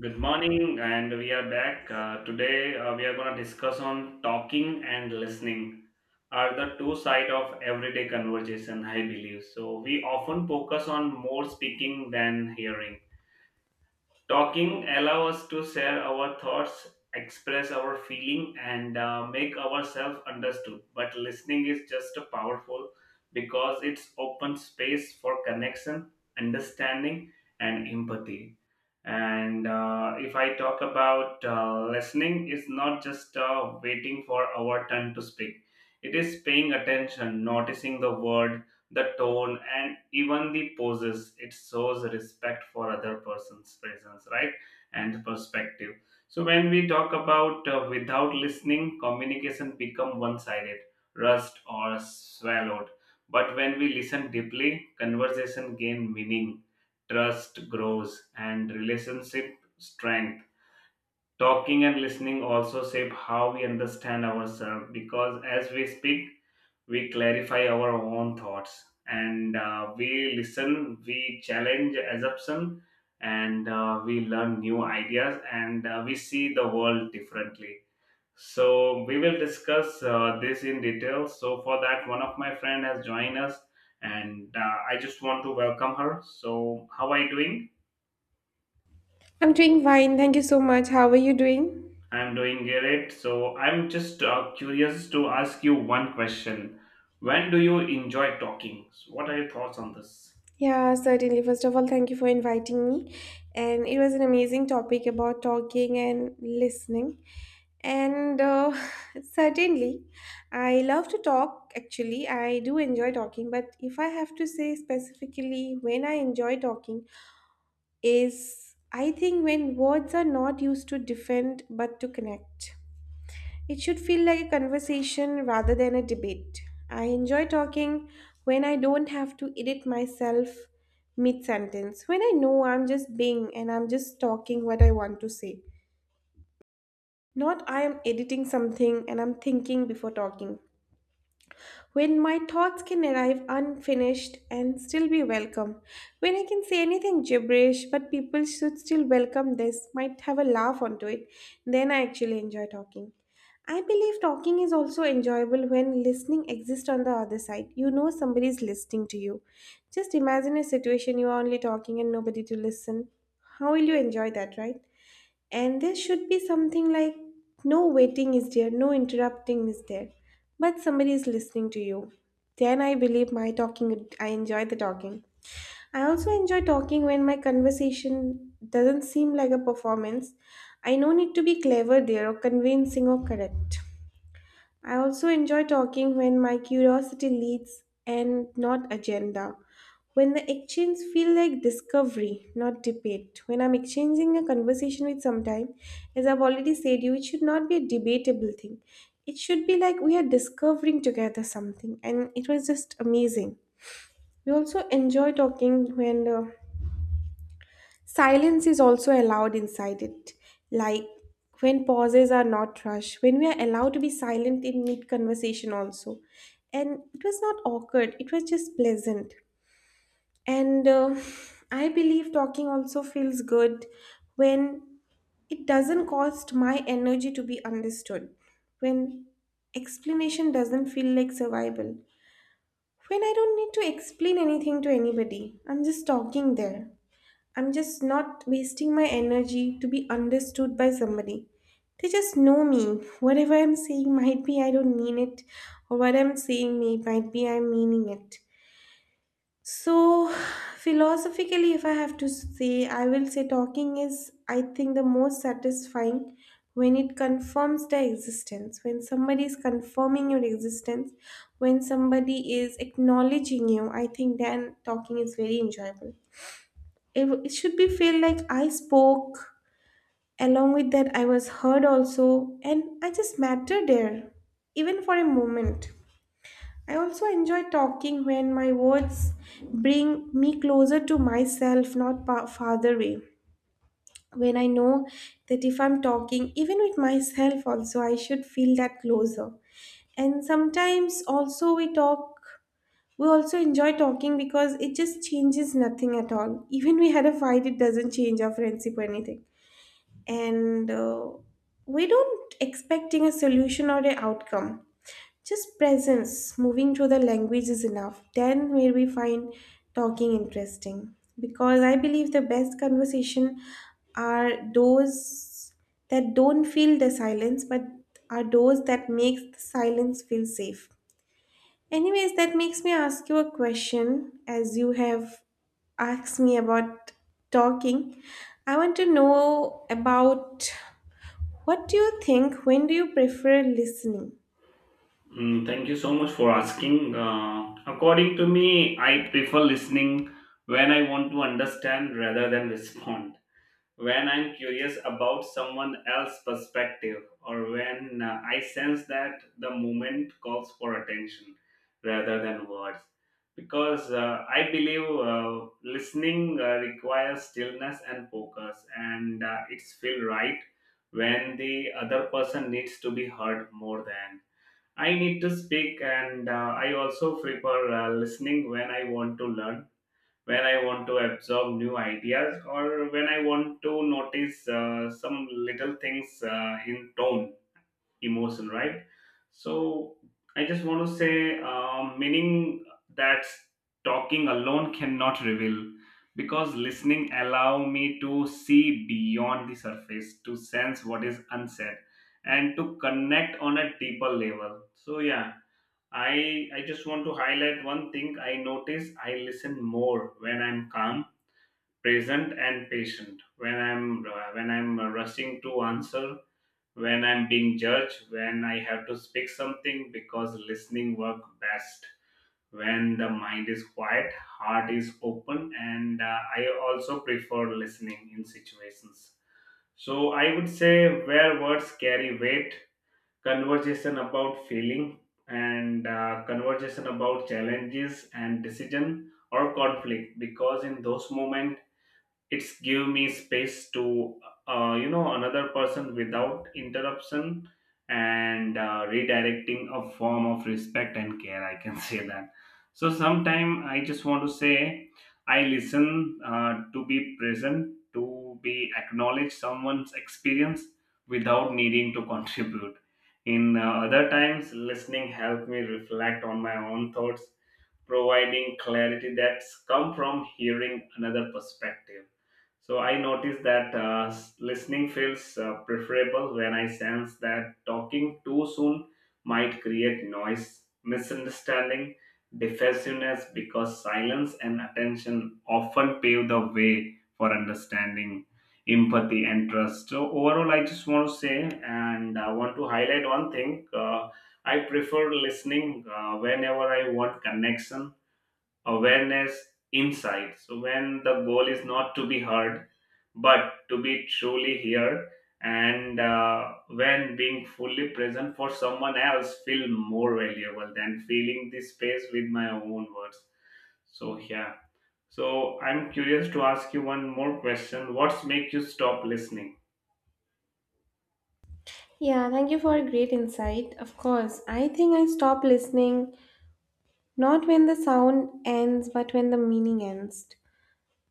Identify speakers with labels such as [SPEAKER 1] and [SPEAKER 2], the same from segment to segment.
[SPEAKER 1] Good morning, and we are back. Today, we are going to discuss on talking and listening are the two side of everyday conversation, I believe. So we often focus on more speaking than hearing. Talking allows us to share our thoughts, express our feeling, and make ourselves understood. But listening is just a powerful because it's open space for connection, understanding, and empathy and if I talk about listening, it's not just waiting for our turn to speak. It is paying attention, noticing the word, the tone, and even the poses. It shows respect for other person's presence, right? And perspective. So when we talk about without listening, communication become one-sided, rust or swallowed. But when we listen deeply, conversation gain meaning trust grows, and relationship strength. Talking and listening also shape how we understand ourselves because as we speak, we clarify our own thoughts and we listen, we challenge assumption, and we learn new ideas and we see the world differently. So we will discuss this in detail. So for that, one of my friend has joined us, and I just want to welcome her. So how are you doing?
[SPEAKER 2] I'm doing fine. Thank you so much. How are you doing?
[SPEAKER 1] I'm doing great. So I'm just curious to ask you one question. When do you enjoy talking? So what are your thoughts on this?
[SPEAKER 2] Yeah, certainly. First of all, thank you for inviting me. And it was an amazing topic about talking and listening. And certainly, I love to talk. Actually, I do enjoy talking. But if I have to say specifically when I enjoy talking, is I think when words are not used to defend but to connect. It should feel like a conversation rather than a debate. I enjoy talking when I don't have to edit myself mid sentence, when I know I'm just being and I'm just talking what I want to say. Not I am editing something and I'm thinking before talking when my thoughts can arrive unfinished and still be welcome. When I can say anything gibberish, but people should still welcome this, might have a laugh onto it, then I actually enjoy talking. I believe talking is also enjoyable when listening exists on the other side. You know somebody is listening to you. Just imagine a situation you are only talking and nobody to listen. How will you enjoy that, right? And there should be something like no waiting is there, no interrupting is there, but somebody is listening to you. Then I believe my talking, I enjoy the talking. I also enjoy talking when my conversation doesn't seem like a performance. I no need to be clever there or convincing or correct. I also enjoy talking when my curiosity leads and not agenda. When the exchange feel like discovery, not debate. When I'm exchanging a conversation with sometime, as I've already said you, it should not be a debatable thing. It should be like we are discovering together something and it was just amazing. We also enjoy talking when silence is also allowed inside it, like when pauses are not rushed, when we are allowed to be silent in mid conversation, also. And it was not awkward, it was just pleasant. And I believe talking also feels good when it doesn't cost my energy to be understood, when explanation doesn't feel like survival, when I don't need to explain anything to anybody, I'm just talking there. I'm just not wasting my energy to be understood by somebody. They just know me. Whatever I'm saying might be I don't mean it, or what I'm saying may might be I'm meaning it. So, philosophically, if I have to say, I will say talking is, I think, the most satisfying when it confirms their existence, when somebody is confirming your existence, when somebody is acknowledging you, I think then talking is very enjoyable. It should be feel like I spoke. Along with that, I was heard also, and I just mattered there, even for a moment. I also enjoy talking when my words bring me closer to myself, not farther away. When I know that if I'm talking, even with myself, also, I should feel that closer. And sometimes also we talk, we also enjoy talking because it just changes nothing at all. Even we had a fight, it doesn't change our friendship or anything. And We don't expecting a solution or an outcome just presence moving through the language is enough then where we find talking interesting because I believe the best conversation are those that don't feel the silence but are those that makes the silence feel safe anyways that makes me ask you a question as you have asked me about talking I want to know about what do you think? When do you prefer listening?
[SPEAKER 1] Mm, thank you so much for asking. According to me, I prefer listening when I want to understand rather than respond. When I'm curious about someone else's perspective or when I sense that the moment calls for attention rather than words. Because I believe listening requires stillness and focus, and it's feel right when the other person needs to be heard more than I need to speak, and I also prefer listening when I want to learn, when I want to absorb new ideas or when I want to notice some little things in tone, emotion, right? So I just want to say, meaning that talking alone cannot reveal because listening allow me to see beyond the surface, to sense what is unsaid and to connect on a deeper level. So yeah, I just want to highlight one thing. I notice I listen more when I'm calm, present and patient. When I'm rushing to answer, when I'm being judged, when I have to speak something, because listening work best when the mind is quiet, heart is open, and I also prefer listening in situations. So I would say where words carry weight, conversation about failing and conversation about challenges and decision or conflict, because in those moments it's give me space to another person without interruption and redirecting a form of respect and care, I can say that. So sometime I just want to say I listen to be present, to be acknowledge someone's experience without needing to contribute in other times. Listening helped me reflect on my own thoughts, providing clarity that's come from hearing another perspective. So I noticed that listening feels preferable when I sense that talking too soon might create noise, misunderstanding, defensiveness, because silence and attention often pave the way for understanding, empathy, and trust. So overall, I just want to say and I want to highlight one thing. I prefer listening whenever I want connection, awareness, insight. So when the goal is not to be heard, but to be truly here, and when being fully present for someone else feel more valuable than filling the space with my own words. So yeah. So I'm curious to ask you one more question. What's make you stop listening?
[SPEAKER 2] Yeah, thank you for a great insight. Of course, I think I stop listening not when the sound ends, but when the meaning ends.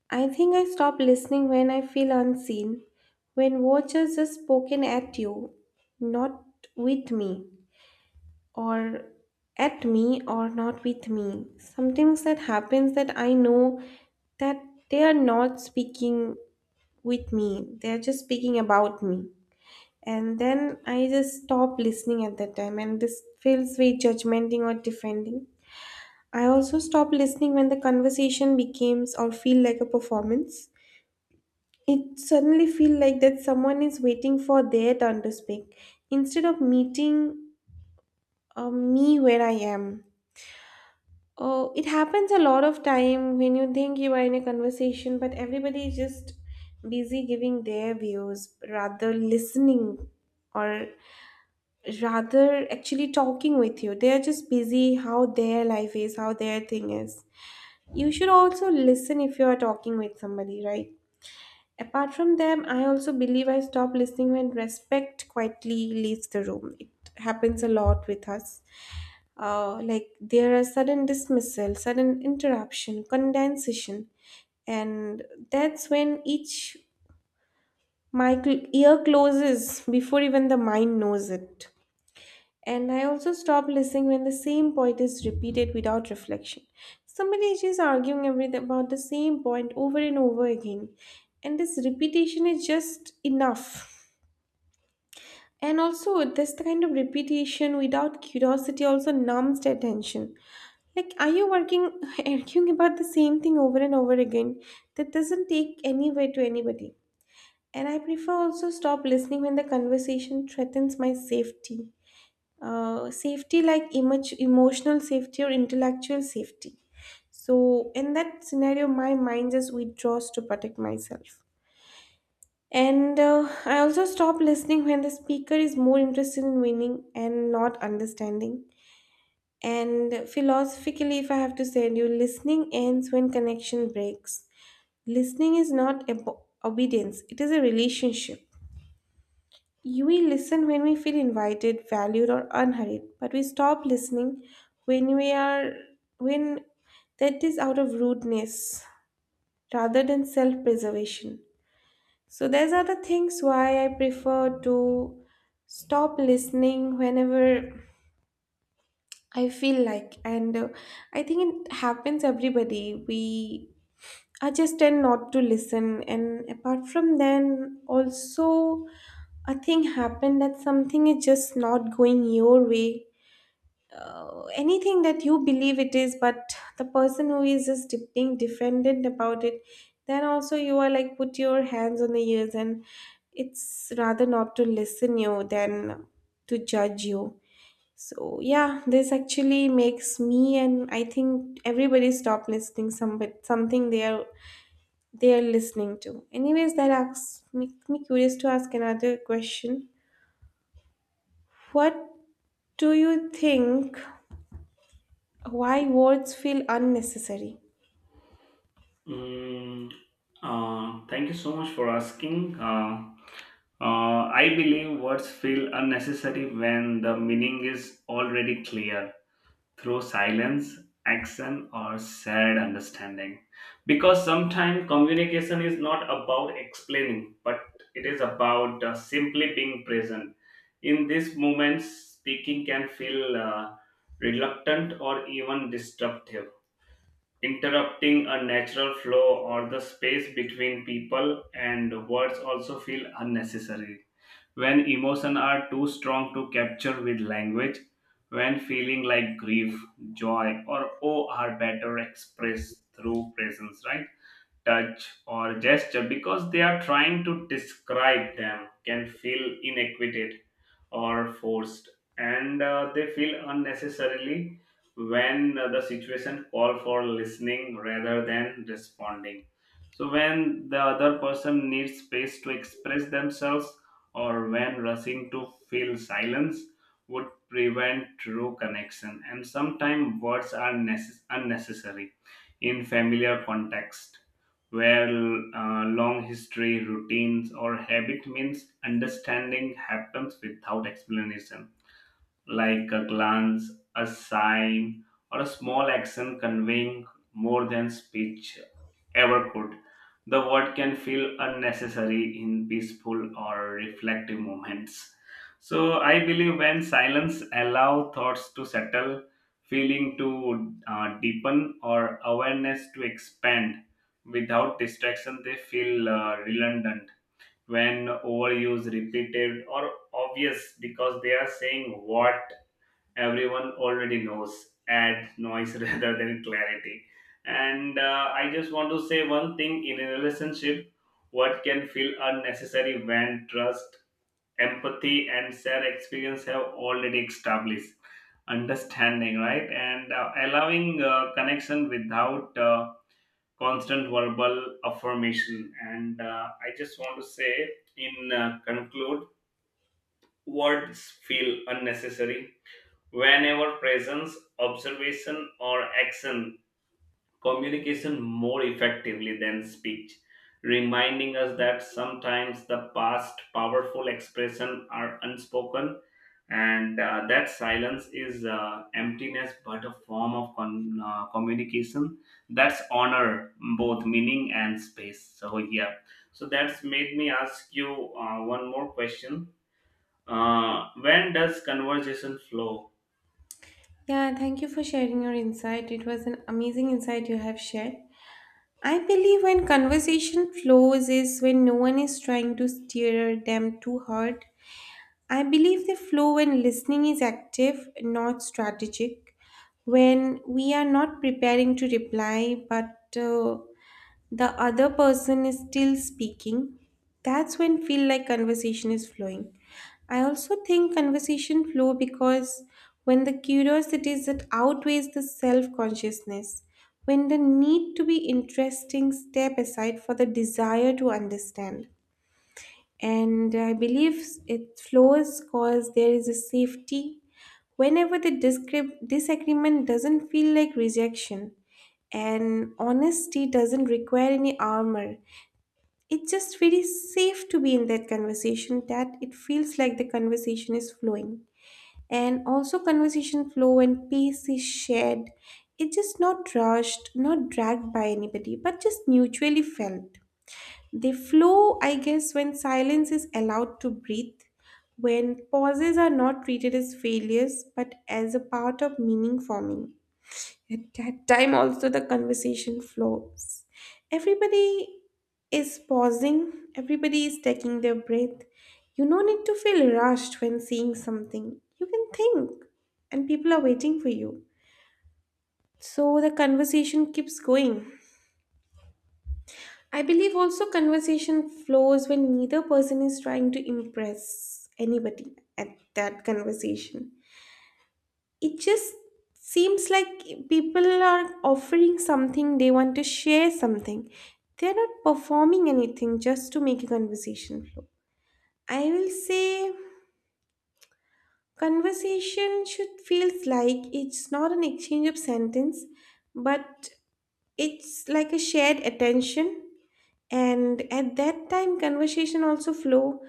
[SPEAKER 2] I think I stop listening when I feel unseen, when words are just spoken at you, not with me, or at me, or not with me. Sometimes that happens that I know that they are not speaking with me, they are just speaking about me. And then I just stop listening at that time, and this feels very judgmenting or defending. I also stop listening when the conversation becomes or feel like a performance. It suddenly feel like that someone is waiting for their turn to speak instead of meeting me where I am. Oh, it happens a lot of time when you think you are in a conversation, but everybody is just busy giving their views rather listening or rather actually talking with you. They are just busy how their life is, how their thing is. You should also listen if you are talking with somebody, right? Apart from them, I also believe I stop listening when respect quietly leaves the room. It happens a lot with us. Like there are sudden dismissal, sudden interruption, condensation, and that's when each my ear closes before even the mind knows it. And I also stop listening when the same point is repeated without reflection. Somebody is just arguing every about the same point over and over again. And this repetition is just enough. And also, this kind of repetition without curiosity also numbs the attention. Like, are you working, arguing about the same thing over and over again? That doesn't take anywhere to anybody. And I prefer also stop listening when the conversation threatens my safety safety like image, emotional safety or intellectual safety. So in that scenario, my mind just withdraws to protect myself. And I also stop listening when the speaker is more interested in winning and not understanding. And philosophically, if I have to say, you listening ends when connection breaks. Listening is not obedience; it is a relationship. We listen when we feel invited, valued, or unhurried, but we stop listening when we are when that is out of rudeness rather than self-preservation. So these are the things why I prefer to stop listening whenever I feel like, and I think it happens everybody. We I just tend not to listen, and apart from then, also a thing happened that something is just not going your way anything that you believe it is but the person who is just being defendant about it then also you are like put your hands on the ears and it's rather not to listen you than to judge you. So yeah, this actually makes me and I think everybody stop listening some but something they are listening to. Anyways, that asks make me curious to ask another question. What do you think, why words feel unnecessary?
[SPEAKER 1] Mm, Thank you so much for asking. I believe words feel unnecessary when the meaning is already clear through silence, action, or shared understanding. Because sometimes communication is not about explaining, but it is about simply being present. In this moment, speaking can feel reluctant or even disruptive, interrupting a natural flow or the space between people, and words also feel unnecessary when emotions are too strong to capture with language, when feeling like grief, joy or awe are better expressed through presence, right, touch, or gesture, because they are trying to describe them can feel inequated or forced, and they feel unnecessarily when the situation call for listening rather than responding. So when the other person needs space to express themselves, or when rushing to fill silence would prevent true connection, and sometimes words are unnecessary in familiar context where long history, routines or habit means understanding happens without explanation, like a glance, a sign, or a small action conveying more than speech ever could. The word can feel unnecessary in peaceful or reflective moments. So I believe when silence allow thoughts to settle, feeling to deepen, or awareness to expand without distraction, they feel redundant. When overused, repeated, or obvious, because they are saying what everyone already knows add noise rather than clarity. And I just want to say one thing. In a relationship, what can feel unnecessary when trust, empathy and shared experience have already established understanding, right, and allowing connection without constant verbal affirmation. And I just want to say in conclude, words feel unnecessary whenever presence, observation, or action, communication more effectively than speech, reminding us that sometimes the past powerful expression are unspoken, and that silence is emptiness but a form of communication that's honor both meaning and space. So yeah. So that's made me ask you one more question. When does conversation flow?
[SPEAKER 2] Yeah, thank you for sharing your insight. It was an amazing insight you have shared. I believe when conversation flows is when no one is trying to steer them too hard. I believe they flow when listening is active, not strategic. When we are not preparing to reply, but the other person is still speaking, that's when feel like conversation is flowing. I also think conversation flow because when the curiosity is that outweighs the self-consciousness, when the need to be interesting step aside for the desire to understand and I believe it flows because there is a safety. Whenever the disagreement doesn't feel like rejection, and honesty doesn't require any armor, it's just very safe to be in that conversation that it feels like the conversation is flowing. And also, conversation flow and peace is shared. It's just not rushed, not dragged by anybody, but just mutually felt. They flow, I guess, when silence is allowed to breathe, when pauses are not treated as failures but as a part of meaning forming. At that time, also, the conversation flows. Everybody is pausing, everybody is taking their breath. You no need to feel rushed when seeing something. You can think, and people are waiting for you. So the conversation keeps going. I believe also conversation flows when neither person is trying to impress anybody at that conversation. It just seems like people are offering something, they want to share something. They're not performing anything just to make a conversation flow. I will say conversation should feels like it's not an exchange of sentence, but it's like a shared attention, and at that time conversation also flow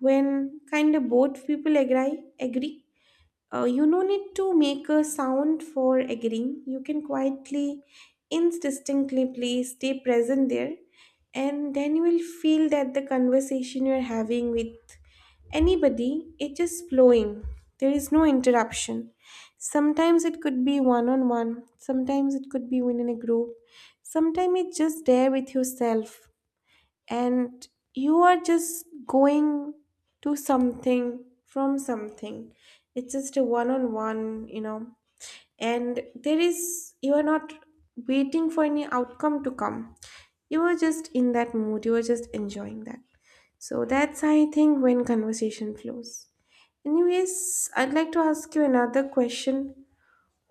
[SPEAKER 2] when kind of both people agree. You no need to make a sound for agreeing. You can quietly, indistinctly stay present there, and then you will feel that the conversation you're having with anybody, it is flowing. There is no interruption. Sometimes it could be one on one, sometimes it could be within a group, sometimes it's just there with yourself, and you are just going to something from something. It's just a one on one, you know. And there is, you are not waiting for any outcome to come. You are just in that mood, you are just enjoying that. So that's, I think, when conversation flows. Anyways, I'd like to ask you another question.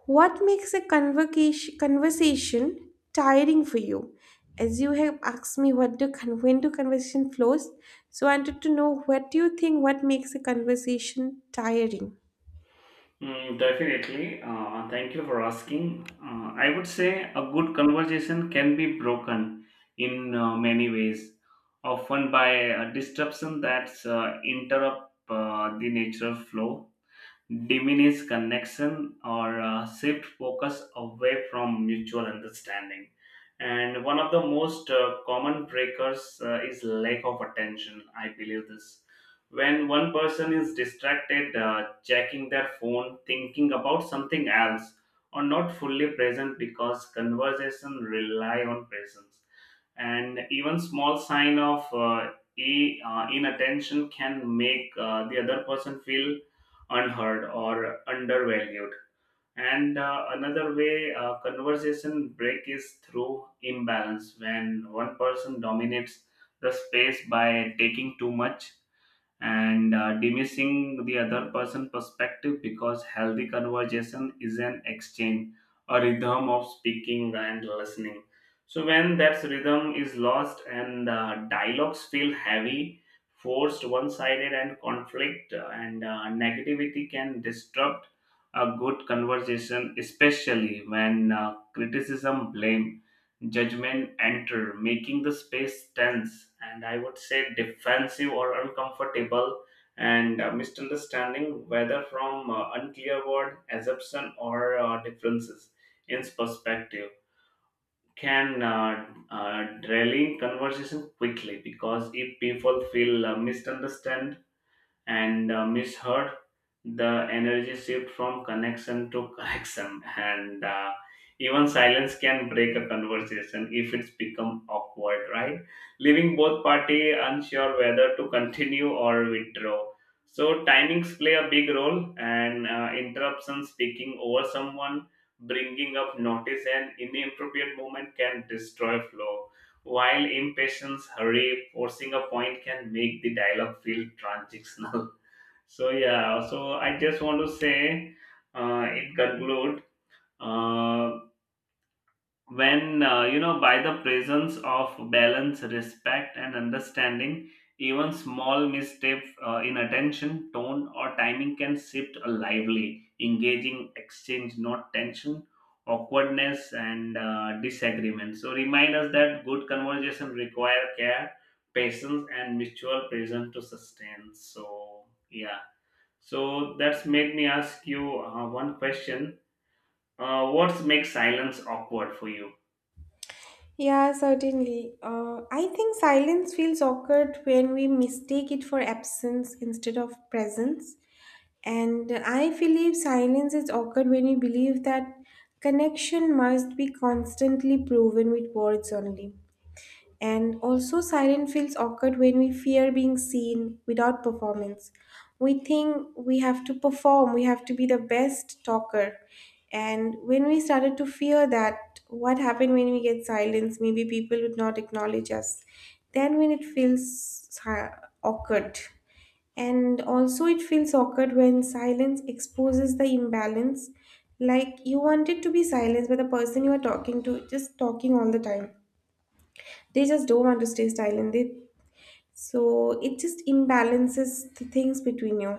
[SPEAKER 2] What makes a conversation tiring for you? As you have asked me what do when do conversation flows, so I wanted to know, what do you think, what makes a conversation tiring?
[SPEAKER 1] Mm, definitely. Thank you for asking. I would say a good conversation can be broken in many ways, often by a disruption that's interrupt the natural flow, diminish connection, or shift focus away from mutual understanding. And one of the most common breakers is lack of attention. I believe this. When one person is distracted, checking their phone, thinking about something else, or not fully present, because conversation rely on presence, and even small sign of inattention can make the other person feel unheard or undervalued. And another way conversation break is through imbalance, when one person dominates the space by taking too much and diminishing the other person perspective, because healthy conversation is an exchange, a rhythm of speaking and listening. So when that rhythm is lost, and dialogues feel heavy, forced, one-sided, and conflict and negativity can disrupt a good conversation, especially when criticism, blame, judgment enter, making the space tense and, I would say, defensive or uncomfortable, and misunderstanding, whether from unclear word, assumption, or differences in perspective, can derail in conversation quickly, because if people feel misunderstood and misheard, the energy shift from connection to correction. And even silence can break a conversation if it's become awkward, right, leaving both party unsure whether to continue or withdraw. So timings play a big role, and interruption, speaking over someone, bringing up notice and inappropriate moment can destroy flow, while impatience, hurry, forcing a point can make the dialogue feel transactional. So yeah, so I just want to say, in conclude, uh, when by the presence of balance, respect, and understanding, even small misstep in attention, tone, or timing can shift a lively, engaging exchange, not tension, awkwardness, and disagreement. So remind us that good conversation require care, patience, and mutual presence to sustain. So yeah. So that's made me ask you one question. What makes silence awkward for you?
[SPEAKER 2] Yeah, certainly. I think silence feels awkward when we mistake it for absence instead of presence. And I believe silence is awkward when we believe that connection must be constantly proven with words only. And also, silence feels awkward when we fear being seen without performance. We think we have to perform, we have to be the best talker. And when we started to fear that, what happened when we get silence? Maybe people would not acknowledge us. Then, when it feels awkward, and also it feels awkward when silence exposes the imbalance. Like, you wanted to be silent, but the person you are talking to is just talking all the time. They just don't want to stay silent, they, so it just imbalances the things between you.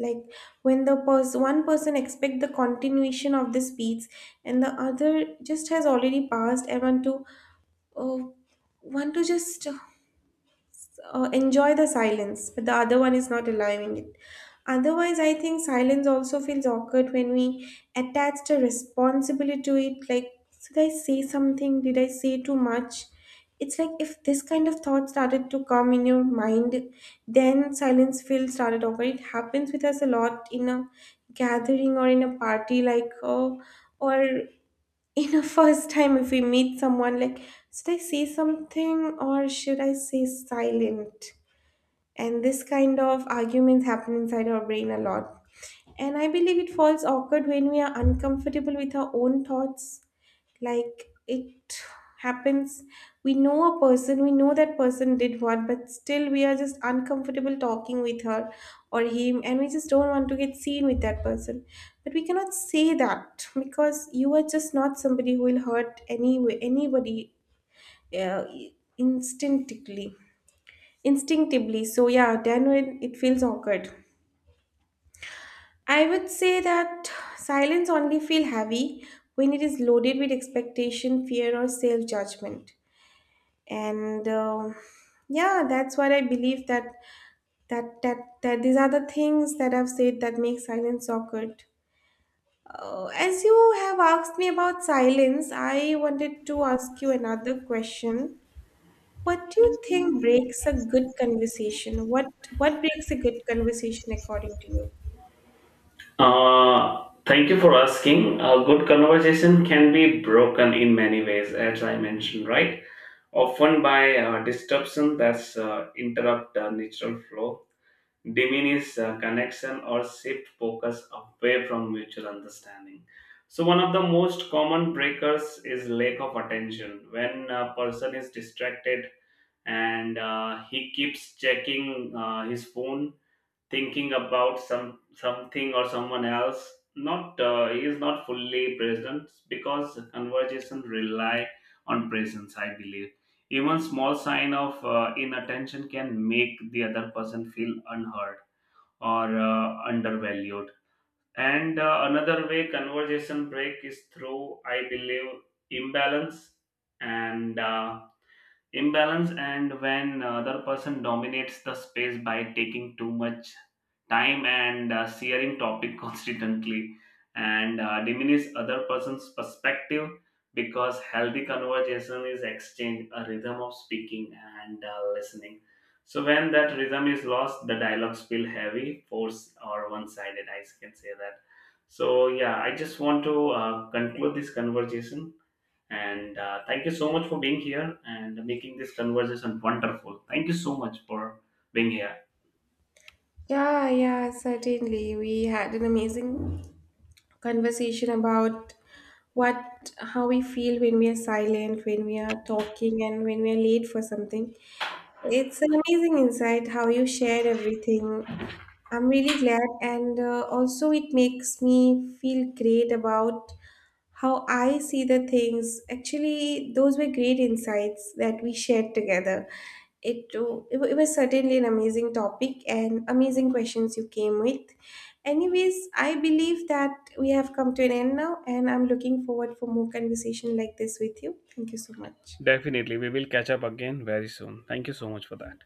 [SPEAKER 2] Like, when the one person expect the continuation of the speech, and the other just has already passed and want to, uh, want to just enjoy the silence, but the other one is not allowing it. Otherwise, I think silence also feels awkward when we attach a responsibility to it. Like, did I say something? Did I say too much? It's like, if this kind of thought started to come in your mind, then silence feels started over. It happens with us a lot in a gathering or in a party, like, oh, or in a first time if we meet someone, like, should I say something or should I say silent? And this kind of arguments happen inside our brain a lot. And I believe it falls awkward when we are uncomfortable with our own thoughts. Like, it happens, we know a person, we know that person did what, but still we are just uncomfortable talking with her or him, and we just don't want to get seen with that person. But we cannot say that, because you are just not somebody who will hurt anybody uh, instinctively, instinctively. So yeah, then when it feels awkward, I would say that silence only feel heavy when it is loaded with expectation, fear, or self judgment. And yeah, that's what I believe, that that that these are the things that I've said that make silence awkward. As you have asked me about silence, I wanted to ask you another question. What do you think breaks a good conversation? What breaks a good conversation according to you?
[SPEAKER 1] Thank you for asking. A good conversation can be broken in many ways, as I mentioned, right? Often by disruption that's interrupt the natural flow, diminish connection, or shift focus away from mutual understanding. So one of the most common breakers is lack of attention. When a person is distracted and he keeps checking his phone, thinking about something or someone else, not he is not fully present, because conversation rely on presence, I believe. Even small sign of inattention can make the other person feel unheard or undervalued. And another way conversation break is through, I believe, imbalance, and imbalance and when other person dominates the space by taking too much time and sharing topic constantly and diminish other person's perspective, because healthy conversation is exchange, a rhythm of speaking and listening. So when that rhythm is lost, the dialogues feel heavy, force or one-sided, I can say that. So yeah, I just want to conclude this conversation and thank you so much for being here and making this conversation wonderful. Thank you so much for being here.
[SPEAKER 2] Yeah, yeah, certainly, we had an amazing conversation about what, how we feel when we are silent, when we are talking, and when we are late for something. It's an amazing insight how you shared everything. I'm really glad, and also it makes me feel great about how I see the things. Actually, those were great insights that we shared together. It, too- it wa- It was certainly an amazing topic and amazing questions you came with. Anyways, I believe that we have come to an end now, and I'm looking forward for more conversation like this with you. Thank you so much.
[SPEAKER 1] Definitely, we will catch up again very soon. Thank you so much for that.